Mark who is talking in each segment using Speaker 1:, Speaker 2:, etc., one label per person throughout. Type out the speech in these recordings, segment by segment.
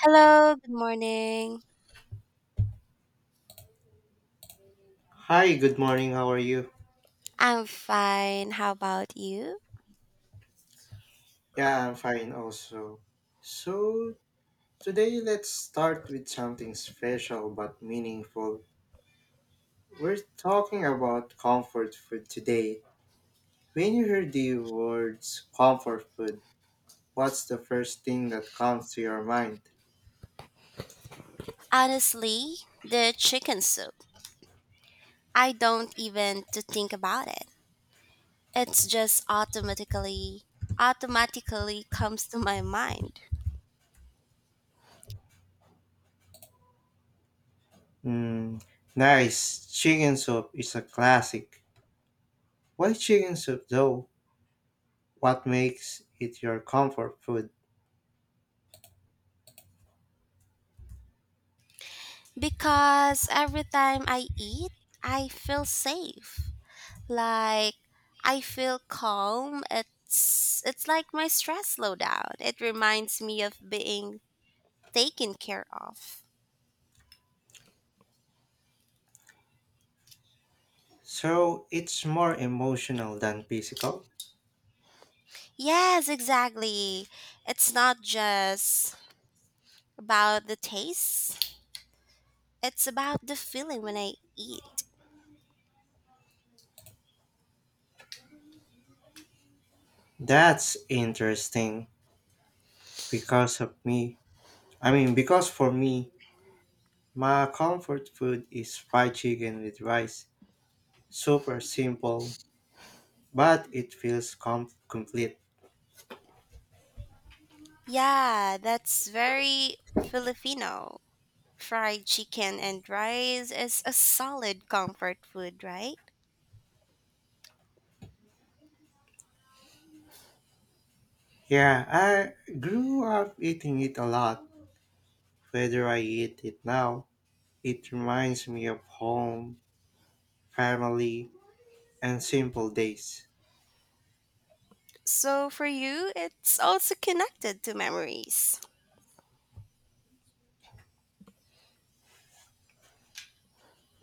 Speaker 1: Hello, good morning.
Speaker 2: Hi, good morning. How are you?
Speaker 1: I'm fine. How about you?
Speaker 2: Yeah, I'm fine also. So, today let's start with something special but meaningful. We're talking about comfort food today. When you hear the words comfort food, what's the first thing that comes to your mind?
Speaker 1: Honestly, the chicken soup. I don't even to think about it. It's just automatically comes to my mind
Speaker 2: Hmm, nice. Chicken soup is a classic. Why chicken soup though? What makes it your comfort food?
Speaker 1: because every time I eat, I feel safe. Like I feel calm. It's like my stress slowed down. It reminds me of being taken care of.
Speaker 2: So, it's more emotional than physical?
Speaker 1: Yes, exactly. It's not just about the taste, it's about the feeling when I eat.
Speaker 2: That's interesting. Because of me. I mean, because for me, my comfort food is fried chicken with rice. Super simple, but it feels complete.
Speaker 1: Yeah, that's very Filipino. Fried chicken and rice is a solid comfort food, right?
Speaker 2: Yeah, I grew up eating it a lot. Whether I eat it now, it reminds me of home, family, and simple days.
Speaker 1: So for you, it's also connected to memories.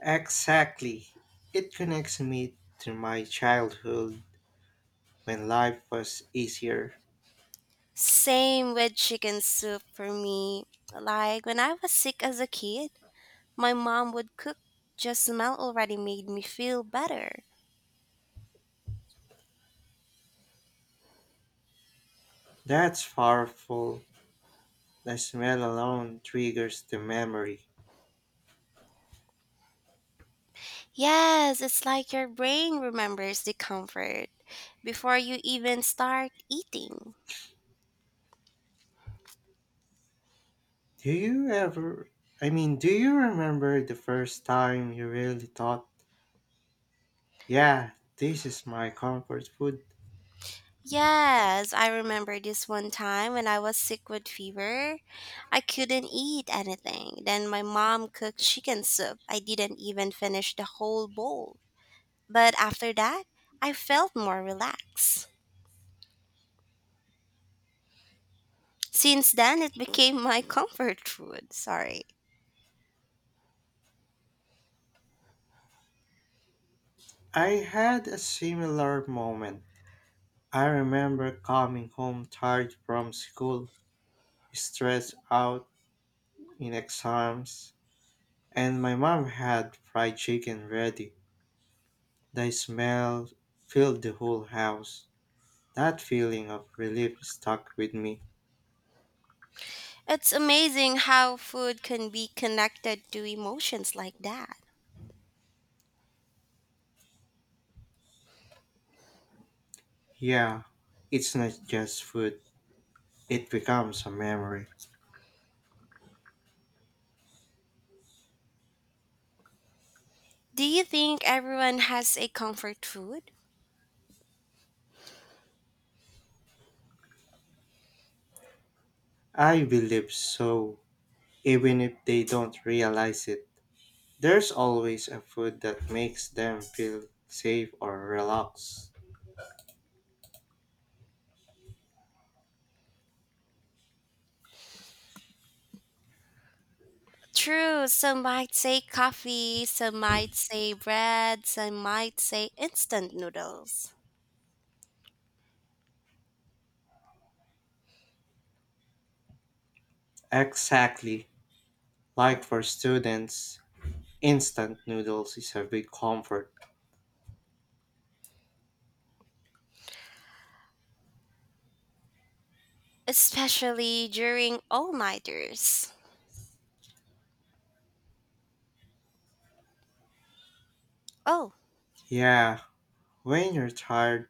Speaker 2: Exactly. It connects me to my childhood when life was easier.
Speaker 1: Same with chicken soup for me. Like when I was sick as a kid, my mom would cook. Just smell already made me feel better.
Speaker 2: That's powerful. The smell alone triggers the memory.
Speaker 1: Yes, it's like your brain remembers the comfort before you even start eating.
Speaker 2: Do you ever, I mean, do you remember the first time you really thought, yeah, this is my comfort food?
Speaker 1: Yes, I remember this one time when I was sick with fever. I couldn't eat anything. Then my mom cooked chicken soup. I didn't even finish the whole bowl. But after that, I felt more relaxed. Since then, it became my comfort food. Sorry.
Speaker 2: I had a similar moment. I remember coming home tired from school, stressed out in exams, and my mom had fried chicken ready. The smell filled the whole house. That feeling of relief stuck with me.
Speaker 1: It's amazing how food can be connected to emotions like that.
Speaker 2: Yeah, it's not just food, it becomes a memory.
Speaker 1: Do you think everyone has a comfort food?
Speaker 2: I believe so, even if they don't realize it. There's always a food that makes them feel safe or relaxed.
Speaker 1: True, some might say coffee, some might say bread, some might say instant noodles,
Speaker 2: Exactly. Like for students, instant noodles is a big comfort.
Speaker 1: especially during all nighters. Oh,
Speaker 2: Yeah, when you're tired,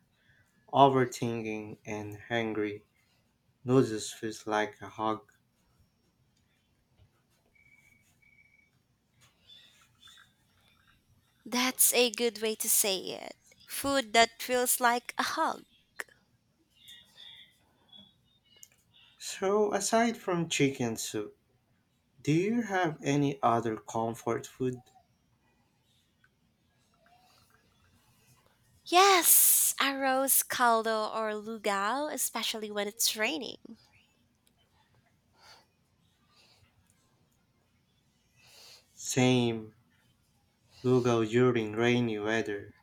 Speaker 2: overthinking, and hungry, noodles feels like a hug.
Speaker 1: that's a good way to say it. Food that feels like a hug.
Speaker 2: So, aside from chicken soup, do you have any other comfort food?
Speaker 1: Yes, arroz caldo or lugao, especially when it's raining.
Speaker 2: Same logo during rainy weather.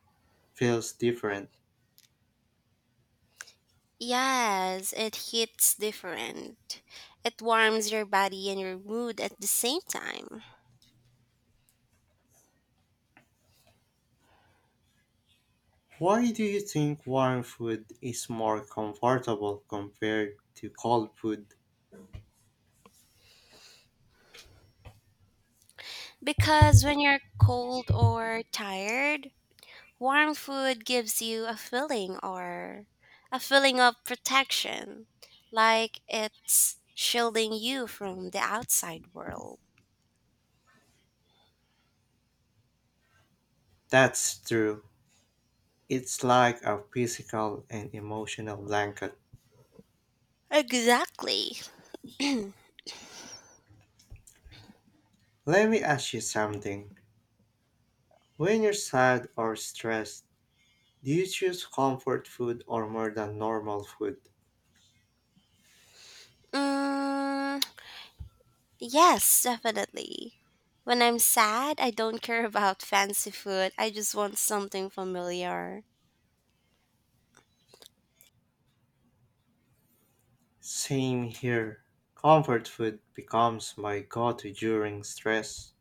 Speaker 2: Feels different.
Speaker 1: Yes, it hits different. It warms your body and your mood at the same time.
Speaker 2: Why do you think warm food is more comfortable compared to cold food?
Speaker 1: Because when you're cold or tired, warm food gives you a feeling or a feeling of protection, like it's shielding you from the outside world.
Speaker 2: That's true. It's like a physical and emotional blanket.
Speaker 1: Exactly.
Speaker 2: Let me ask you something. When you're sad or stressed, do you choose comfort food or more than normal food?
Speaker 1: Mm, yes, definitely. When I'm sad, I don't care about fancy food. I just want something familiar.
Speaker 2: Same here. Comfort food becomes my go to during stress.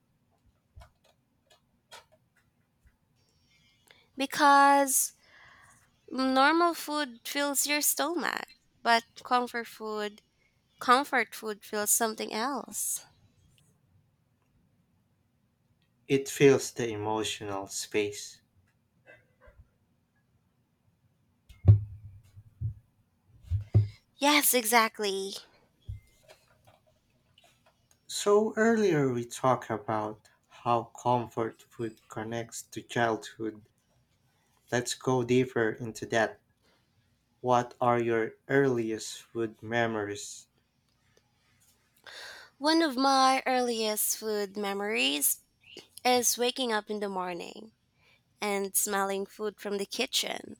Speaker 1: Because normal food fills your stomach, but comfort food feels something else.
Speaker 2: It fills the emotional space.
Speaker 1: Yes, exactly.
Speaker 2: So, earlier we talked about how comfort food connects to childhood. Let's go deeper into that. What are your earliest food memories?
Speaker 1: One of my earliest food memories is waking up in the morning and smelling food from the kitchen.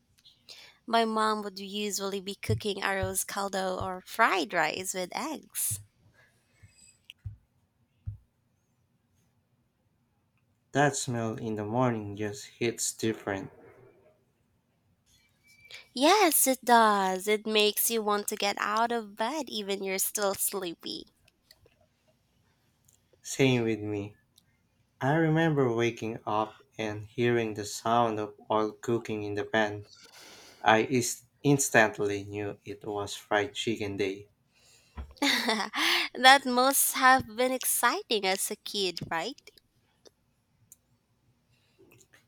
Speaker 1: My mom would usually be cooking arroz caldo or fried rice with eggs.
Speaker 2: That smell in the morning just hits different.
Speaker 1: Yes, it does. It makes you want to get out of bed even you're still sleepy.
Speaker 2: Same with me. I remember waking up and hearing the sound of oil cooking in the pan. I is instantly knew it was fried chicken day.
Speaker 1: That must have been exciting as a kid, right?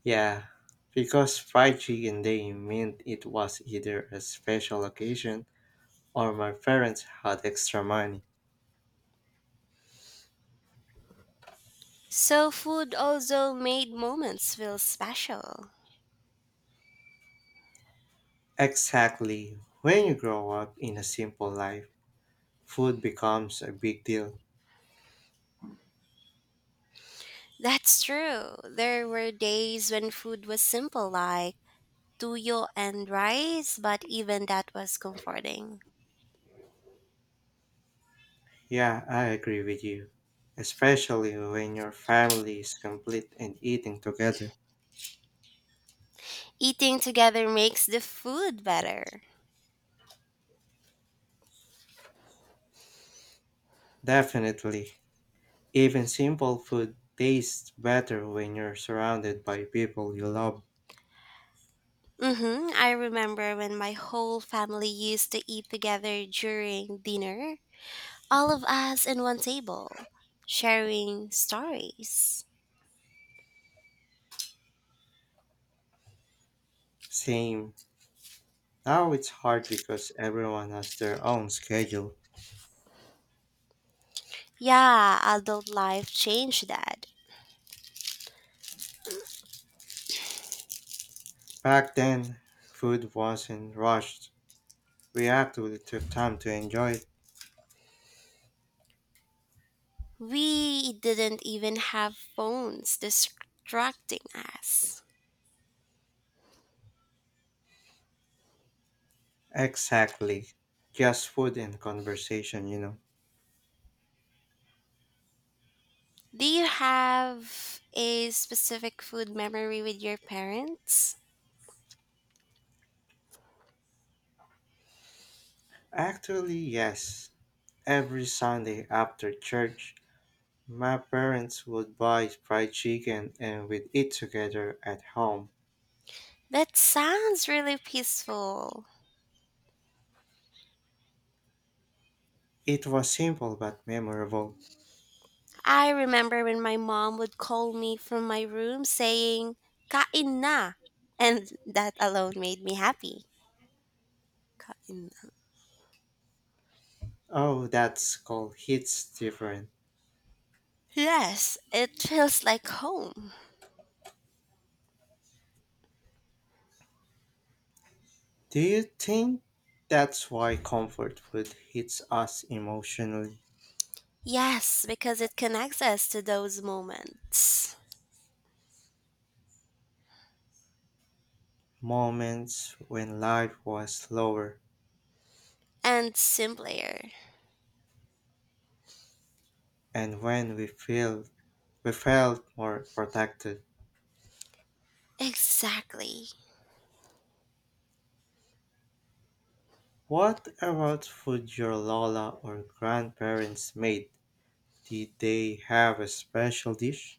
Speaker 2: Yeah, because fried chicken day meant it was either a special occasion or my parents had extra money.
Speaker 1: So, food also made moments feel special.
Speaker 2: Exactly. When you grow up in a simple life, food becomes a big deal.
Speaker 1: That's true. There were days when food was simple, like tuyo and rice, but even that was comforting.
Speaker 2: Yeah, I agree with you. Especially when your family is complete and eating together.
Speaker 1: Eating together makes the food better.
Speaker 2: Definitely. Even simple food tastes better when you're surrounded by people you love.
Speaker 1: Mm-hmm. I remember when my whole family used to eat together during dinner, all of us in one table, sharing stories.
Speaker 2: Same. Now it's hard because everyone has their own schedule.
Speaker 1: Yeah, adult life changed that.
Speaker 2: Back then, food wasn't rushed. We actually took time to enjoy it.
Speaker 1: We didn't even have phones distracting us.
Speaker 2: Exactly. Just food and conversation, you know.
Speaker 1: Do you have a specific food memory with your parents?
Speaker 2: Actually, yes. Every Sunday after church, my parents would buy fried chicken and we'd eat together at home.
Speaker 1: That sounds really peaceful.
Speaker 2: It was simple but memorable.
Speaker 1: I remember when my mom would call me from my room saying, Kain na! And that alone made me happy. Kain na.
Speaker 2: Oh, that school hits different.
Speaker 1: Yes, it feels like home.
Speaker 2: Do you think that's why comfort food hits us emotionally?
Speaker 1: Yes, because it connects us to those moments.
Speaker 2: Moments when life was slower
Speaker 1: And simpler.
Speaker 2: and when we felt more protected.
Speaker 1: Exactly.
Speaker 2: What about food your Lola or grandparents made? Did they have a special dish?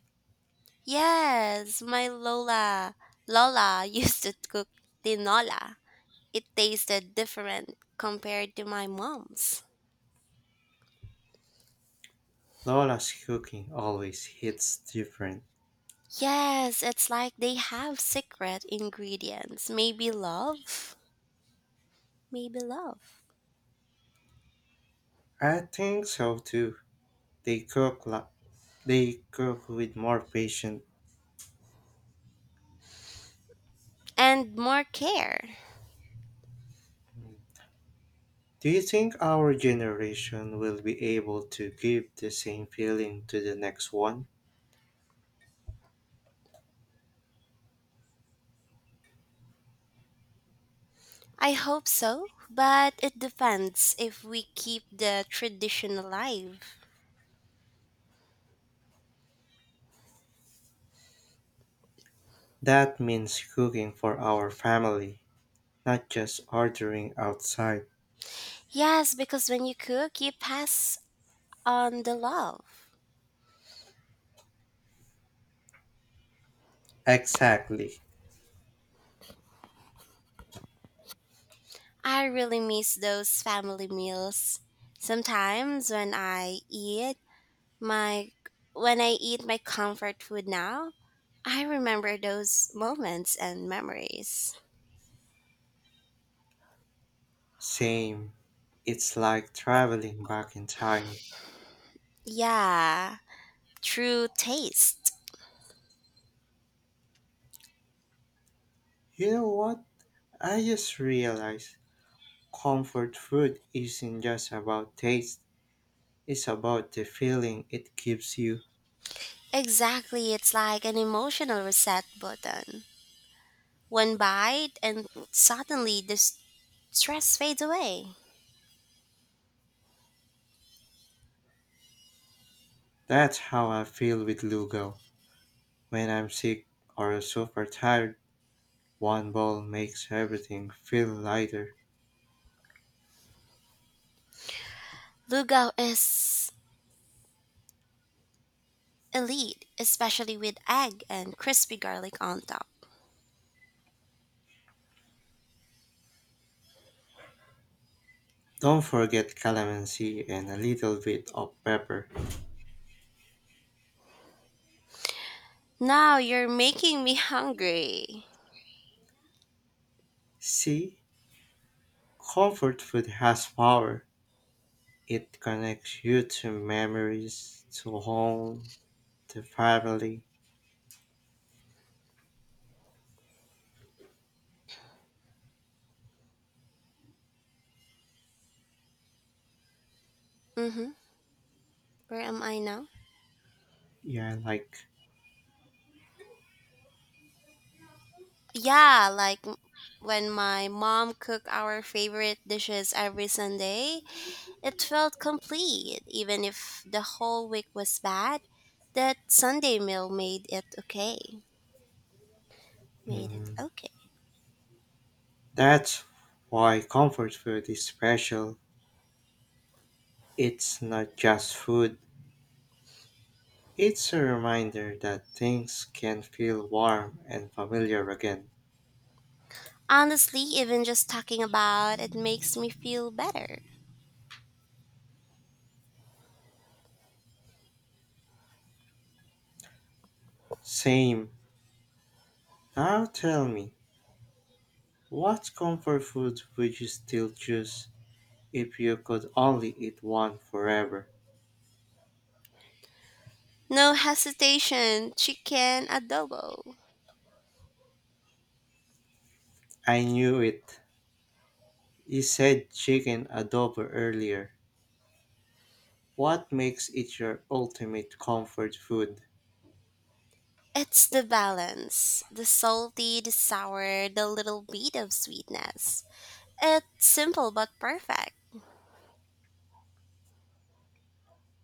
Speaker 1: Yes, my Lola used to cook tinola. It tasted different compared to my mom's.
Speaker 2: Lola's cooking always hits different.
Speaker 1: Yes, it's like they have secret ingredients. Maybe love. Maybe love.
Speaker 2: I think so too. They cook la- they cook with more patience.
Speaker 1: And more care.
Speaker 2: Do you think our generation will be able to give the same feeling to the next one?
Speaker 1: I hope so, but it depends if we keep the tradition alive.
Speaker 2: That means cooking for our family, not just ordering outside.
Speaker 1: Yes, because when you cook, you pass on the love.
Speaker 2: Exactly.
Speaker 1: I really miss those family meals. Sometimes when I eat my my comfort food now, I remember those moments and memories.
Speaker 2: Same. It's like traveling back in time.
Speaker 1: Yeah, true taste.
Speaker 2: You know what? I just realized comfort food isn't just about taste, it's about the feeling it gives you.
Speaker 1: Exactly, it's like an emotional reset button. One bite and suddenly the stress fades away.
Speaker 2: That's how I feel with Lugo. When I'm sick or super tired, one bowl makes everything feel lighter.
Speaker 1: Lugao is elite, especially with egg and crispy garlic on top.
Speaker 2: Don't forget calamansi and a little bit of pepper.
Speaker 1: Now you're making me hungry.
Speaker 2: See? Comfort food has power. It connects you to memories, to home, to family.
Speaker 1: Mm-hmm. Where am I now?
Speaker 2: Yeah, like,
Speaker 1: Yeah, when my mom cooked our favorite dishes every Sunday, it felt complete. Even if the whole week was bad, that Sunday meal made it okay. Made it
Speaker 2: mm,
Speaker 1: okay.
Speaker 2: that's why comfort food is special. It's not just food, it's a reminder that things can feel warm and familiar again.
Speaker 1: Honestly, even just talking about it makes me feel better.
Speaker 2: Same. Now tell me, what comfort food would you still choose if you could only eat one forever?
Speaker 1: No hesitation, chicken adobo.
Speaker 2: I knew it. You said chicken adobo earlier. What makes it your ultimate comfort food?
Speaker 1: It's the balance the salty, the sour, the little bit of sweetness. It's simple but perfect.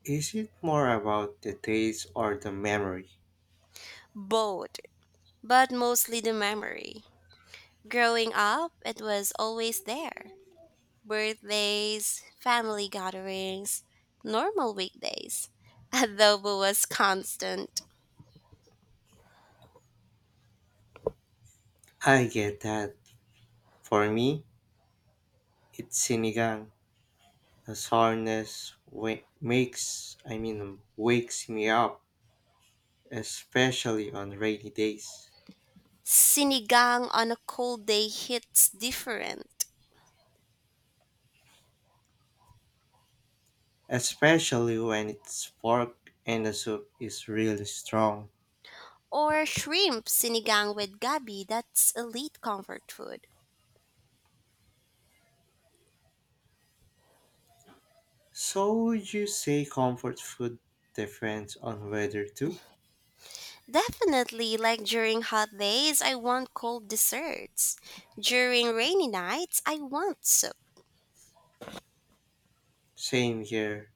Speaker 2: Is it more about the taste or the memory?
Speaker 1: Both, but mostly the memory. Growing up, it was always there birthdays, family gatherings, normal weekdays. Adobo was constant.
Speaker 2: I get that. For me, it's sinigang. The sourness I mean, wakes me up, especially on rainy days.
Speaker 1: Sinigang on a cold day hits different.
Speaker 2: Especially when its pork and the soup is really strong.
Speaker 1: Or shrimp sinigang with gabi, that's elite comfort food.
Speaker 2: So would you say comfort food depends on weather too?
Speaker 1: Definitely, like during hot days, I want cold desserts. During rainy nights, I want soup.
Speaker 2: Same here.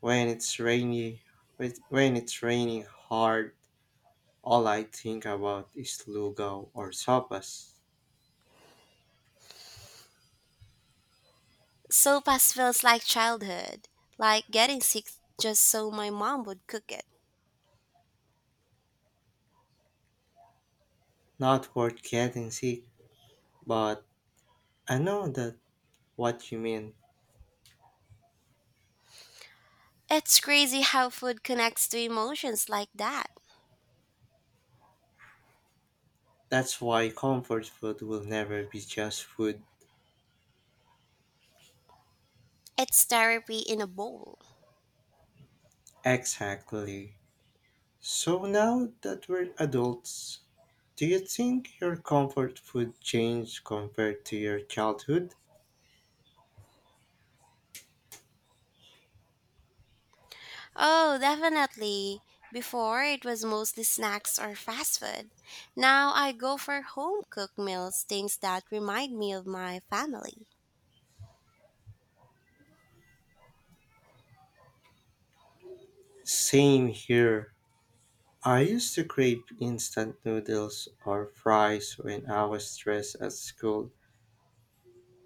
Speaker 2: When it's rainy, when it's raining hard, all I think about is lugaw or sopas.
Speaker 1: Sopas feels like childhood, like getting sick just so my mom would cook it.
Speaker 2: Not worth getting sick, but I know that what you mean.
Speaker 1: It's crazy how food connects to emotions like that.
Speaker 2: That's why comfort food will never be just food.
Speaker 1: It's therapy in a bowl.
Speaker 2: Exactly. So now that we're adults, do you think your comfort food changed compared to your childhood?
Speaker 1: Oh, definitely. Before, it was mostly snacks or fast food. Now I go for home cooked meals, things that remind me of my family.
Speaker 2: Same here. I used to crave instant noodles or fries when I was stressed at school.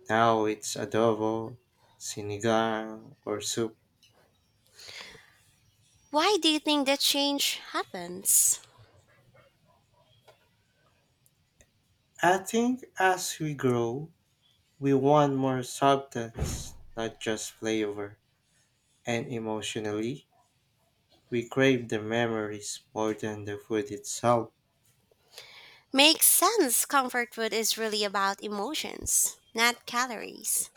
Speaker 2: Now it's adobo, sinigang, or soup.
Speaker 1: Why do you think that change happens?
Speaker 2: I think as we grow, we want more substance, not just flavor. And emotionally, we crave the memories more than the food itself.
Speaker 1: Makes sense. Comfort food is really about emotions, not calories.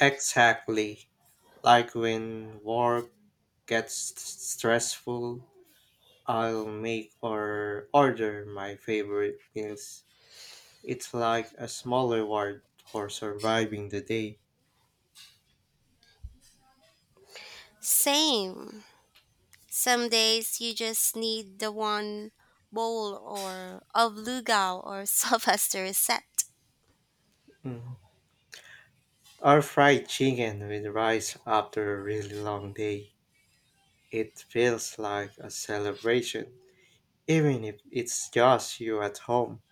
Speaker 2: Exactly. Like when work gets stressful, I'll make or order my favorite meals. It's like a small reward for surviving the day.
Speaker 1: Same. Some days you just need the one bowl or of lugao or sopas to reset.
Speaker 2: Mm. Or fried chicken with rice after a really long day. It feels like a celebration, even if it's just you at home.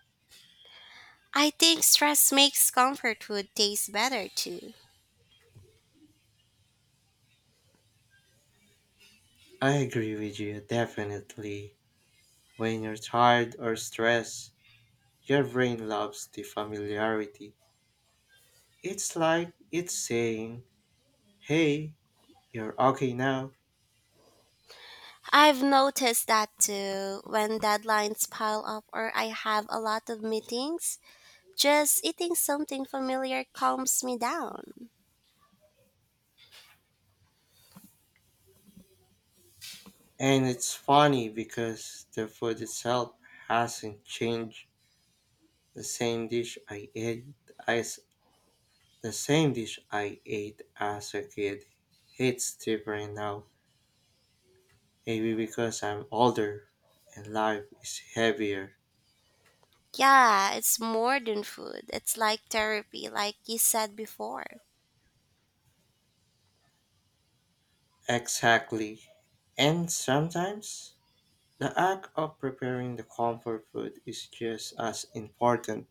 Speaker 1: I think stress makes comfort food taste better too.
Speaker 2: I agree with you, definitely. When you're tired or stressed, your brain loves the familiarity. It's like it's saying, hey, you're okay now.
Speaker 1: I've noticed that too when deadlines pile up or I have a lot of meetings. Just eating something familiar calms me down.
Speaker 2: And it's funny because the food itself hasn't changed. The same dish I ate as the same dish I ate as a kid hits different now. Maybe because I'm older and life is heavier.
Speaker 1: Yeah, it's more than food. It's like therapy, like you said before.
Speaker 2: Exactly. And sometimes the act of preparing the comfort food is just as important.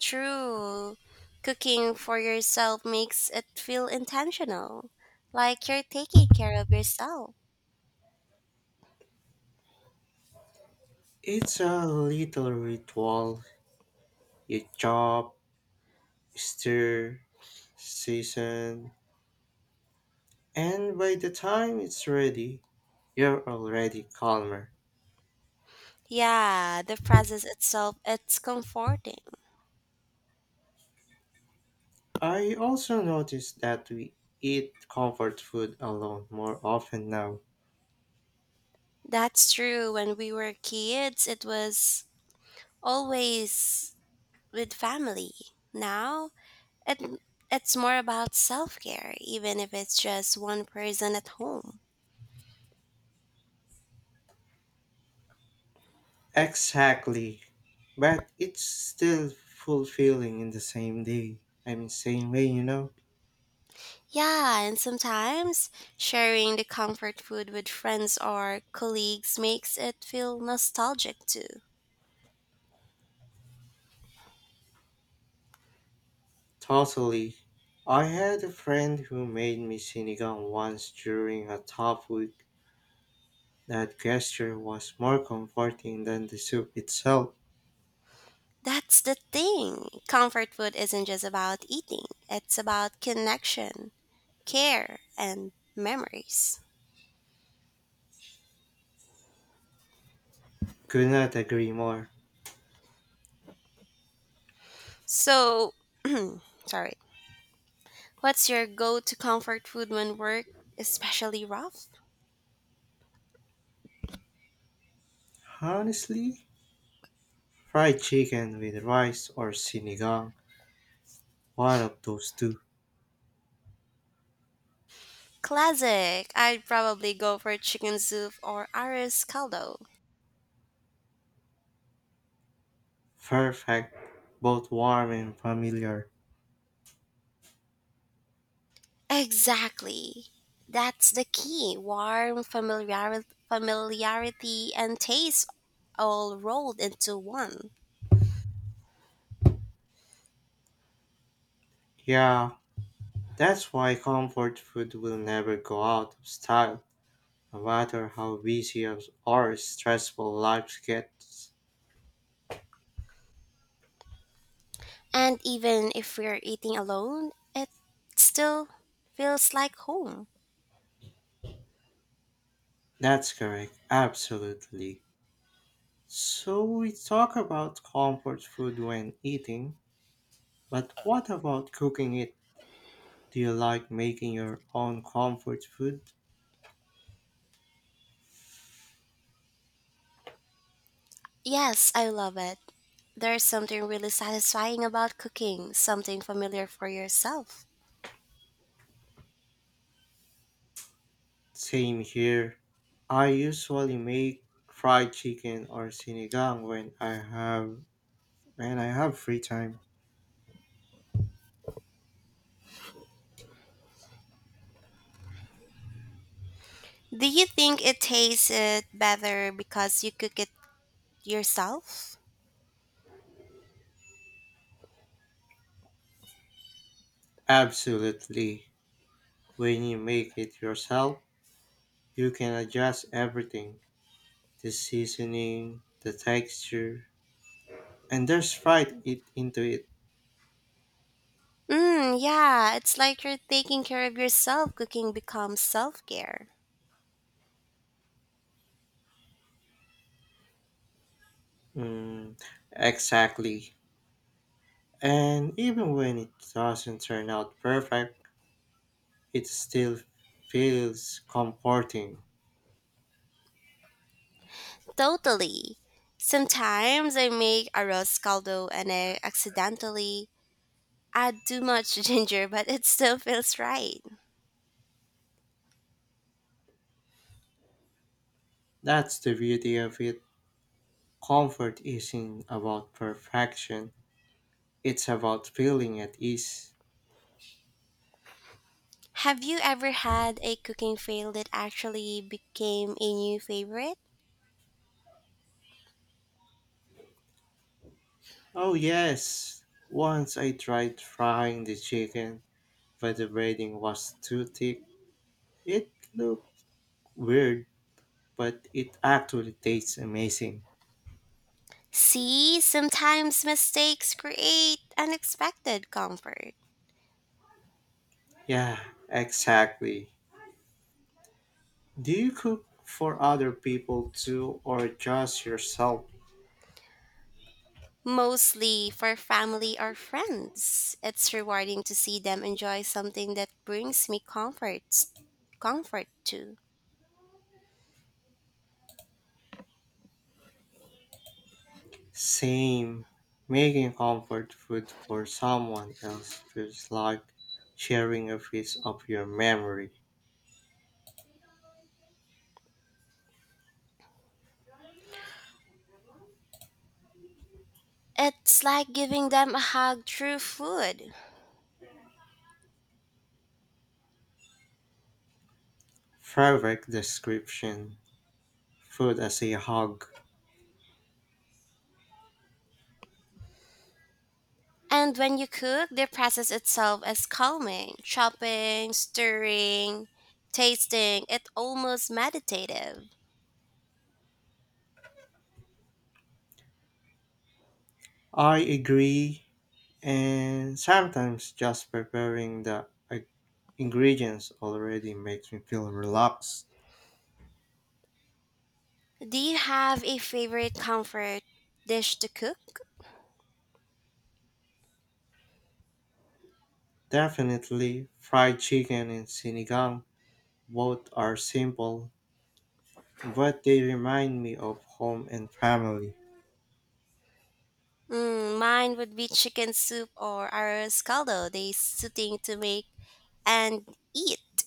Speaker 1: True. Cooking for yourself makes it feel intentional, like you're taking care of yourself.
Speaker 2: It's a little ritual. You chop, stir, season, and by the time it's ready, you're already calmer.
Speaker 1: Yeah, the process itself, it's comforting.
Speaker 2: I also noticed that we eat comfort food alone more often now.
Speaker 1: That's true. When we were kids, it was always with family. Now, it, it's more about self care, even if it's just one person at home.
Speaker 2: Exactly. But it's still fulfilling in the same day. I mean, same way.
Speaker 1: Yeah, and sometimes sharing the comfort food with friends or colleagues makes it feel nostalgic too.
Speaker 2: Totally. I had a friend who made me sinigang once during a tough week. That gesture was more comforting than the soup itself.
Speaker 1: That's the thing. Comfort food isn't just about eating, it's about connection, care, and memories.
Speaker 2: Could not agree more.
Speaker 1: So, sorry, what's your go to comfort food when work, especially rough?
Speaker 2: Honestly, fried chicken with rice or sinigang, one of those two.
Speaker 1: Classic. I'd probably go for chicken soup or arroz caldo.
Speaker 2: Perfect, both warm and familiar.
Speaker 1: Exactly. That's the key. Warm familiarity, familiarity and taste all rolled into one.
Speaker 2: Yeah, that's why comfort food will never go out of style, no matter how busy or stressful life gets.
Speaker 1: And even if we're eating alone, it still feels like home.
Speaker 2: That's correct, absolutely. So we talk about comfort food when eating, but what about cooking it? Do you like making your own comfort food?
Speaker 1: Yes, I love it. There's something really satisfying about cooking something familiar for yourself.
Speaker 2: Same here. I usually make fried chicken or sinigang when I have free time.
Speaker 1: Do you think it tastes it better because you cook it yourself?
Speaker 2: Absolutely. When you make it yourself, you can adjust everything, the seasoning, the texture, and there's fried it into it.
Speaker 1: Yeah, it's like you're taking care of yourself. Cooking becomes self care.
Speaker 2: Mm, exactly. And even when it doesn't turn out perfect, it still feels comforting.
Speaker 1: Totally. Sometimes I make arroz caldo and I accidentally add too much ginger, but it still feels right.
Speaker 2: That's the beauty of it. Comfort isn't about perfection, it's about feeling at ease.
Speaker 1: Have you ever had a cooking fail that actually became a new favorite?
Speaker 2: Oh, yes. Once I tried frying the chicken, but the braiding was too thick. It looked weird, but it actually tastes amazing.
Speaker 1: See, sometimes mistakes create unexpected comfort,
Speaker 2: Yeah, exactly. Do you cook for other people too or just yourself?
Speaker 1: mostly for family or friends. It's rewarding to see them enjoy something that brings me comfort too.
Speaker 2: Same. Making comfort food for someone else feels like sharing a piece of your memory.
Speaker 1: It's like giving them a hug through food.
Speaker 2: Perfect description. Food as a hug.
Speaker 1: And when you cook, the process itself is calming. Chopping, stirring, tasting, it's almost meditative.
Speaker 2: I agree. And sometimes just preparing the ingredients already makes me feel relaxed.
Speaker 1: Do you have a favorite comfort dish to cook?
Speaker 2: Definitely fried chicken and sinigang, both are simple but they remind me of home and family.
Speaker 1: Mine would be chicken soup or arroz caldo, they soothing to make and eat.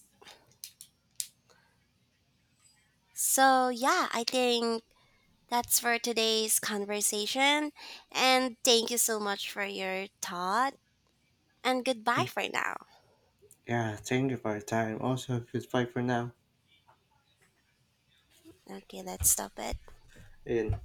Speaker 1: So, yeah, I think that's for today's conversation. And thank you so much for your thought. And goodbye
Speaker 2: Mm.
Speaker 1: for now.
Speaker 2: Yeah, thank you for your time. Also, goodbye for now.
Speaker 1: Okay, let's stop it.
Speaker 2: And